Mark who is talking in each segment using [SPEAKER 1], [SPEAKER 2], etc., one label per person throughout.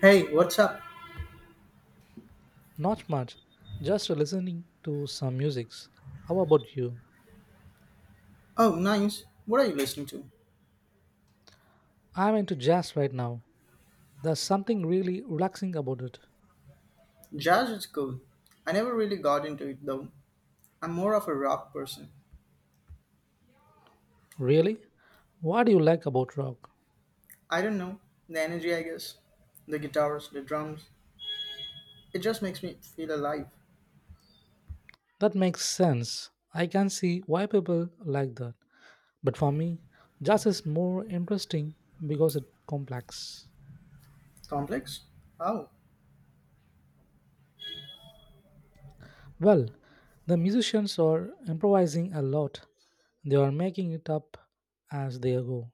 [SPEAKER 1] Hey, what's up?
[SPEAKER 2] Not much, just listening to some musics. How about you?
[SPEAKER 1] Oh, nice. What are you listening to?
[SPEAKER 2] I'm into jazz right now. There's something really relaxing about it.
[SPEAKER 1] Jazz is cool. I never really got into it though. I'm more of a rock person.
[SPEAKER 2] Really? What do you like about rock?
[SPEAKER 1] I don't know. The energy, I guess. The guitars, the drums. It just makes me feel alive.
[SPEAKER 2] That makes sense. I can see why people like that. But for me, jazz is more interesting because it's complex.
[SPEAKER 1] Complex? Oh.
[SPEAKER 2] Well, the musicians are improvising a lot. They are making it up as they go,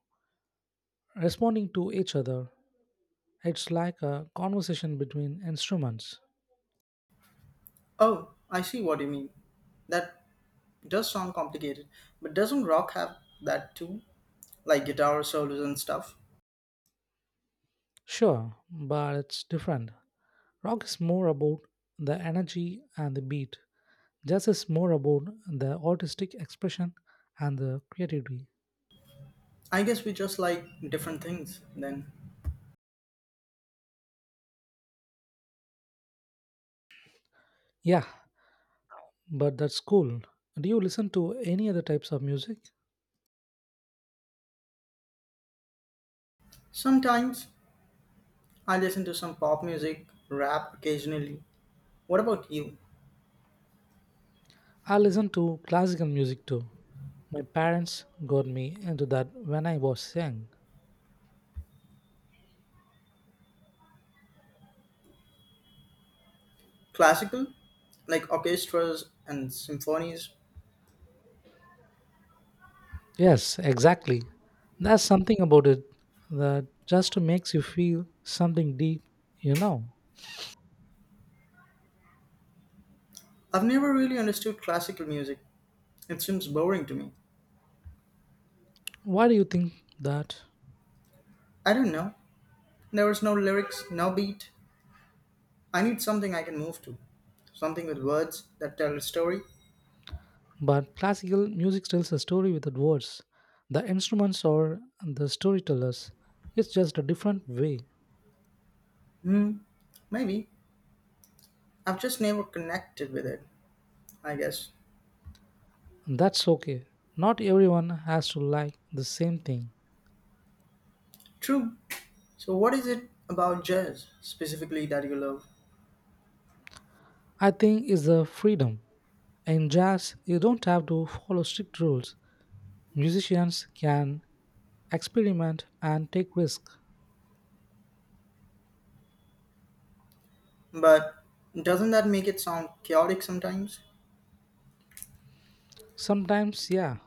[SPEAKER 2] responding to each other. It's like a conversation between instruments.
[SPEAKER 1] Oh, I see what you mean. That does sound complicated, but doesn't rock have that too? Like guitar solos and stuff?
[SPEAKER 2] Sure, but it's different. Rock is more about the energy and the beat. Jazz is more about the artistic expression and the creativity.
[SPEAKER 1] I guess we just like different things then.
[SPEAKER 2] Yeah, but that's cool. Do you listen to any other types of music?
[SPEAKER 1] Sometimes I listen to some pop music, rap occasionally. What about you?
[SPEAKER 2] I listen to classical music too. My parents got me into that when I was young.
[SPEAKER 1] Classical? Like orchestras and symphonies?
[SPEAKER 2] Yes, exactly. That's something about it that just makes you feel something deep, you know.
[SPEAKER 1] I've never really understood classical music. It seems boring to me.
[SPEAKER 2] Why do you think that?
[SPEAKER 1] I don't know. There was no lyrics, no beat. I need something I can move to. Something with words that tell a story.
[SPEAKER 2] But classical music tells a story without words. The instruments or the storytellers. It's just a different way.
[SPEAKER 1] Hmm, maybe. I've just never connected with it, I guess.
[SPEAKER 2] That's okay. Not everyone has to like the same thing.
[SPEAKER 1] True. So, what is it about jazz specifically that you love?
[SPEAKER 2] I think it's the freedom. In jazz, you don't have to follow strict rules. Musicians can experiment and take risks.
[SPEAKER 1] But doesn't that make it sound chaotic sometimes?
[SPEAKER 2] Sometimes, yeah,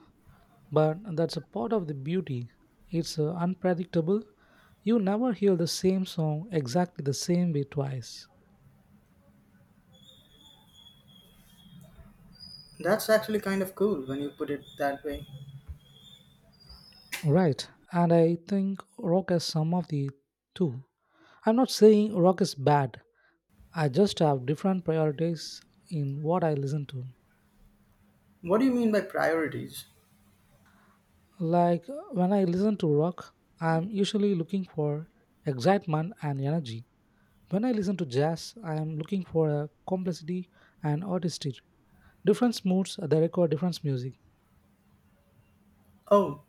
[SPEAKER 2] but that's a part of the beauty. It's unpredictable. You never hear the same song exactly the same way twice.
[SPEAKER 1] That's actually kind of cool when you put it that way.
[SPEAKER 2] Right, and I think rock has some of the two. I'm not saying rock is bad, I just have different priorities in what I listen to.
[SPEAKER 1] What do you mean by priorities?
[SPEAKER 2] Like when I listen to rock, I'm usually looking for excitement and energy. When I listen to jazz, I am looking for a complexity and artistry. Different moods, they require different music.
[SPEAKER 1] Oh,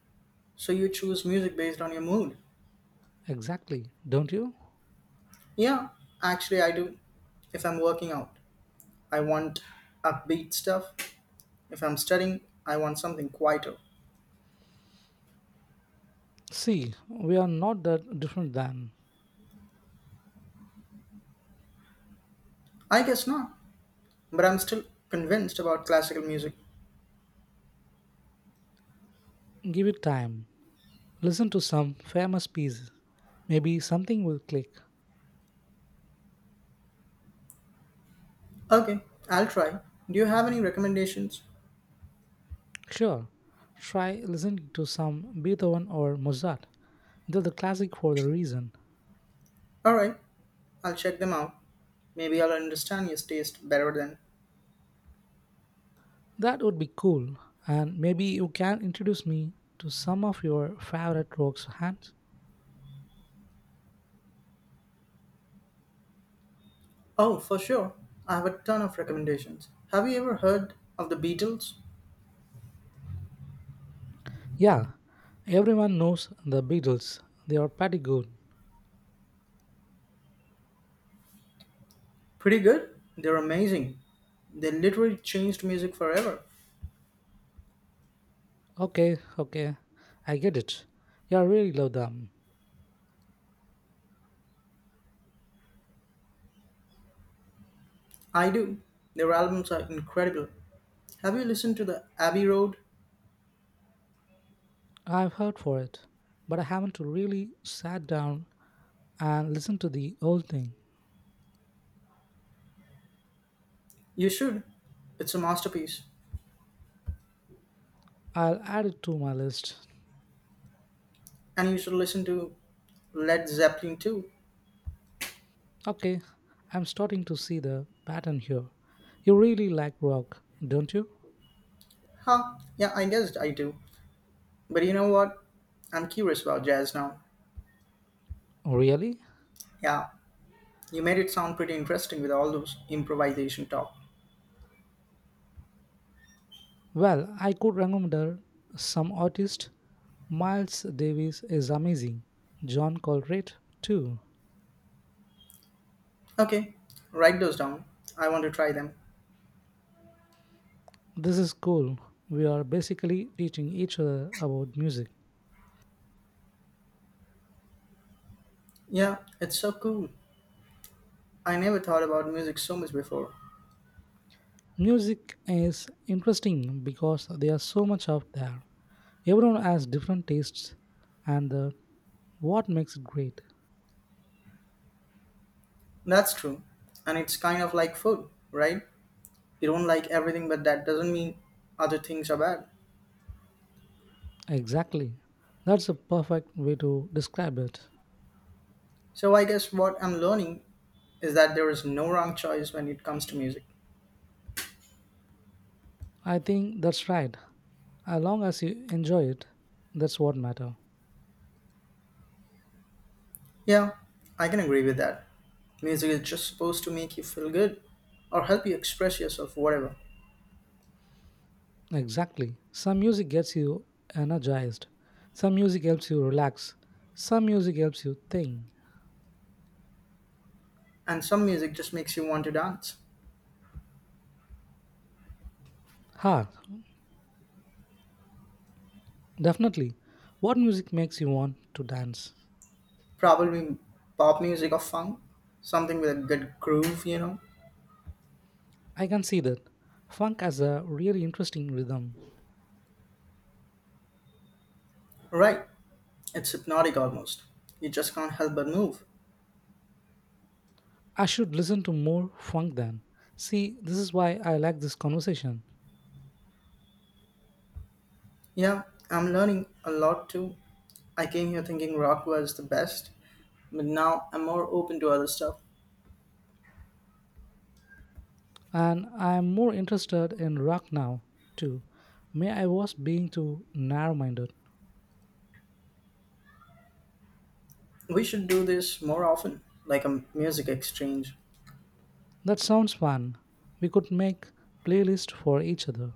[SPEAKER 1] so you choose music based on your mood?
[SPEAKER 2] Exactly, don't you?
[SPEAKER 1] Yeah, actually, I do. If I'm working out, I want upbeat stuff. If I'm studying, I want something quieter.
[SPEAKER 2] See, we are not that different than.
[SPEAKER 1] I guess not, but I'm still convinced about classical music.
[SPEAKER 2] Give it time. Listen to some famous pieces. Maybe something will click.
[SPEAKER 1] Okay, I'll try. Do you have any recommendations?
[SPEAKER 2] Sure, try listening to some Beethoven or Mozart. They're the classic for the reason.
[SPEAKER 1] Alright, I'll check them out. Maybe I'll understand your taste better then.
[SPEAKER 2] That would be cool. And maybe you can introduce me to some of your favorite rock's hands.
[SPEAKER 1] Oh, for sure. I have a ton of recommendations. Have you ever heard of the Beatles?
[SPEAKER 2] Yeah, everyone knows the Beatles. They are pretty good.
[SPEAKER 1] Pretty good. They're amazing. They literally changed music forever.
[SPEAKER 2] Okay, okay, I get it. You really love them.
[SPEAKER 1] I do. Their albums are incredible. Have you listened to the Abbey Road?
[SPEAKER 2] I've heard for it, but I haven't really sat down and listened to the whole thing.
[SPEAKER 1] You should. It's a masterpiece.
[SPEAKER 2] I'll add it to my list.
[SPEAKER 1] And you should listen to Led Zeppelin too.
[SPEAKER 2] Okay, I'm starting to see the pattern here. You really like rock, don't you?
[SPEAKER 1] Huh? Yeah, I guessed I do. But you know what? I'm curious about jazz now.
[SPEAKER 2] Really?
[SPEAKER 1] Yeah, you made it sound pretty interesting with all those improvisation talk.
[SPEAKER 2] Well, I could recommend some artists. Miles Davis is amazing. John Coltrane too.
[SPEAKER 1] Okay, write those down. I want to try them.
[SPEAKER 2] This is cool. We are basically teaching each other about music.
[SPEAKER 1] Yeah, it's so cool. I never thought about music so much before.
[SPEAKER 2] Music is interesting because there's so much out there. Everyone has different tastes and the, what makes it great.
[SPEAKER 1] That's true. And it's kind of like food, right? You don't like everything, but that doesn't mean other things are bad.
[SPEAKER 2] Exactly. That's a perfect way to describe it.
[SPEAKER 1] So I guess what I'm learning is that there is no wrong choice when it comes to music.
[SPEAKER 2] I think that's right. As long as you enjoy it, that's what matters.
[SPEAKER 1] Yeah, I can agree with that. Music is just supposed to make you feel good or help you express yourself, whatever.
[SPEAKER 2] Exactly. Some music gets you energized. Some music helps you relax. Some music helps you think.
[SPEAKER 1] And some music just makes you want to dance.
[SPEAKER 2] Ha, definitely. What music makes you want to dance?
[SPEAKER 1] Probably pop music or funk, something with a good groove?
[SPEAKER 2] I can see that. Funk has a really interesting rhythm.
[SPEAKER 1] Right, it's hypnotic almost. You just can't help but move.
[SPEAKER 2] I should listen to more funk then. See, this is why I like this conversation.
[SPEAKER 1] Yeah, I'm learning a lot too. I came here thinking rock was the best, but now I'm more open to other stuff.
[SPEAKER 2] And I am more interested in rock now, too. May I was being too narrow minded.
[SPEAKER 1] We should do this more often, like a music exchange.
[SPEAKER 2] That sounds fun. We could make playlist for each other.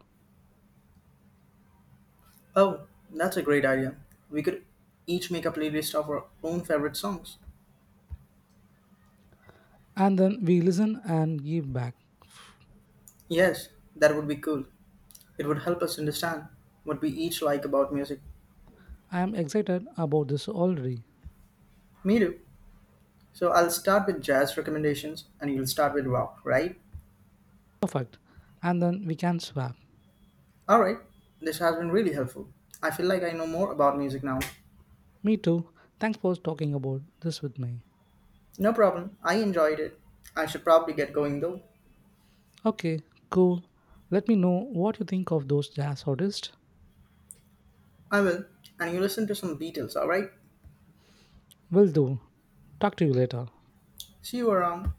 [SPEAKER 1] Oh, that's a great idea. We could each make a playlist of our own favorite songs.
[SPEAKER 2] And then we listen and give back.
[SPEAKER 1] Yes, that would be cool. It would help us understand what we each like about music.
[SPEAKER 2] I am excited about this already.
[SPEAKER 1] Me too. So I'll start with jazz recommendations and you'll start with rock, right?
[SPEAKER 2] Perfect. And then we can swap.
[SPEAKER 1] Alright, this has been really helpful. I feel like I know more about music now.
[SPEAKER 2] Me too. Thanks for talking about this with me.
[SPEAKER 1] No problem. I enjoyed it. I should probably get going though.
[SPEAKER 2] Okay, cool. Let me know what you think of those jazz artists.
[SPEAKER 1] I will. And you listen to some Beatles, alright?
[SPEAKER 2] Will do. Talk to you later.
[SPEAKER 1] See you around.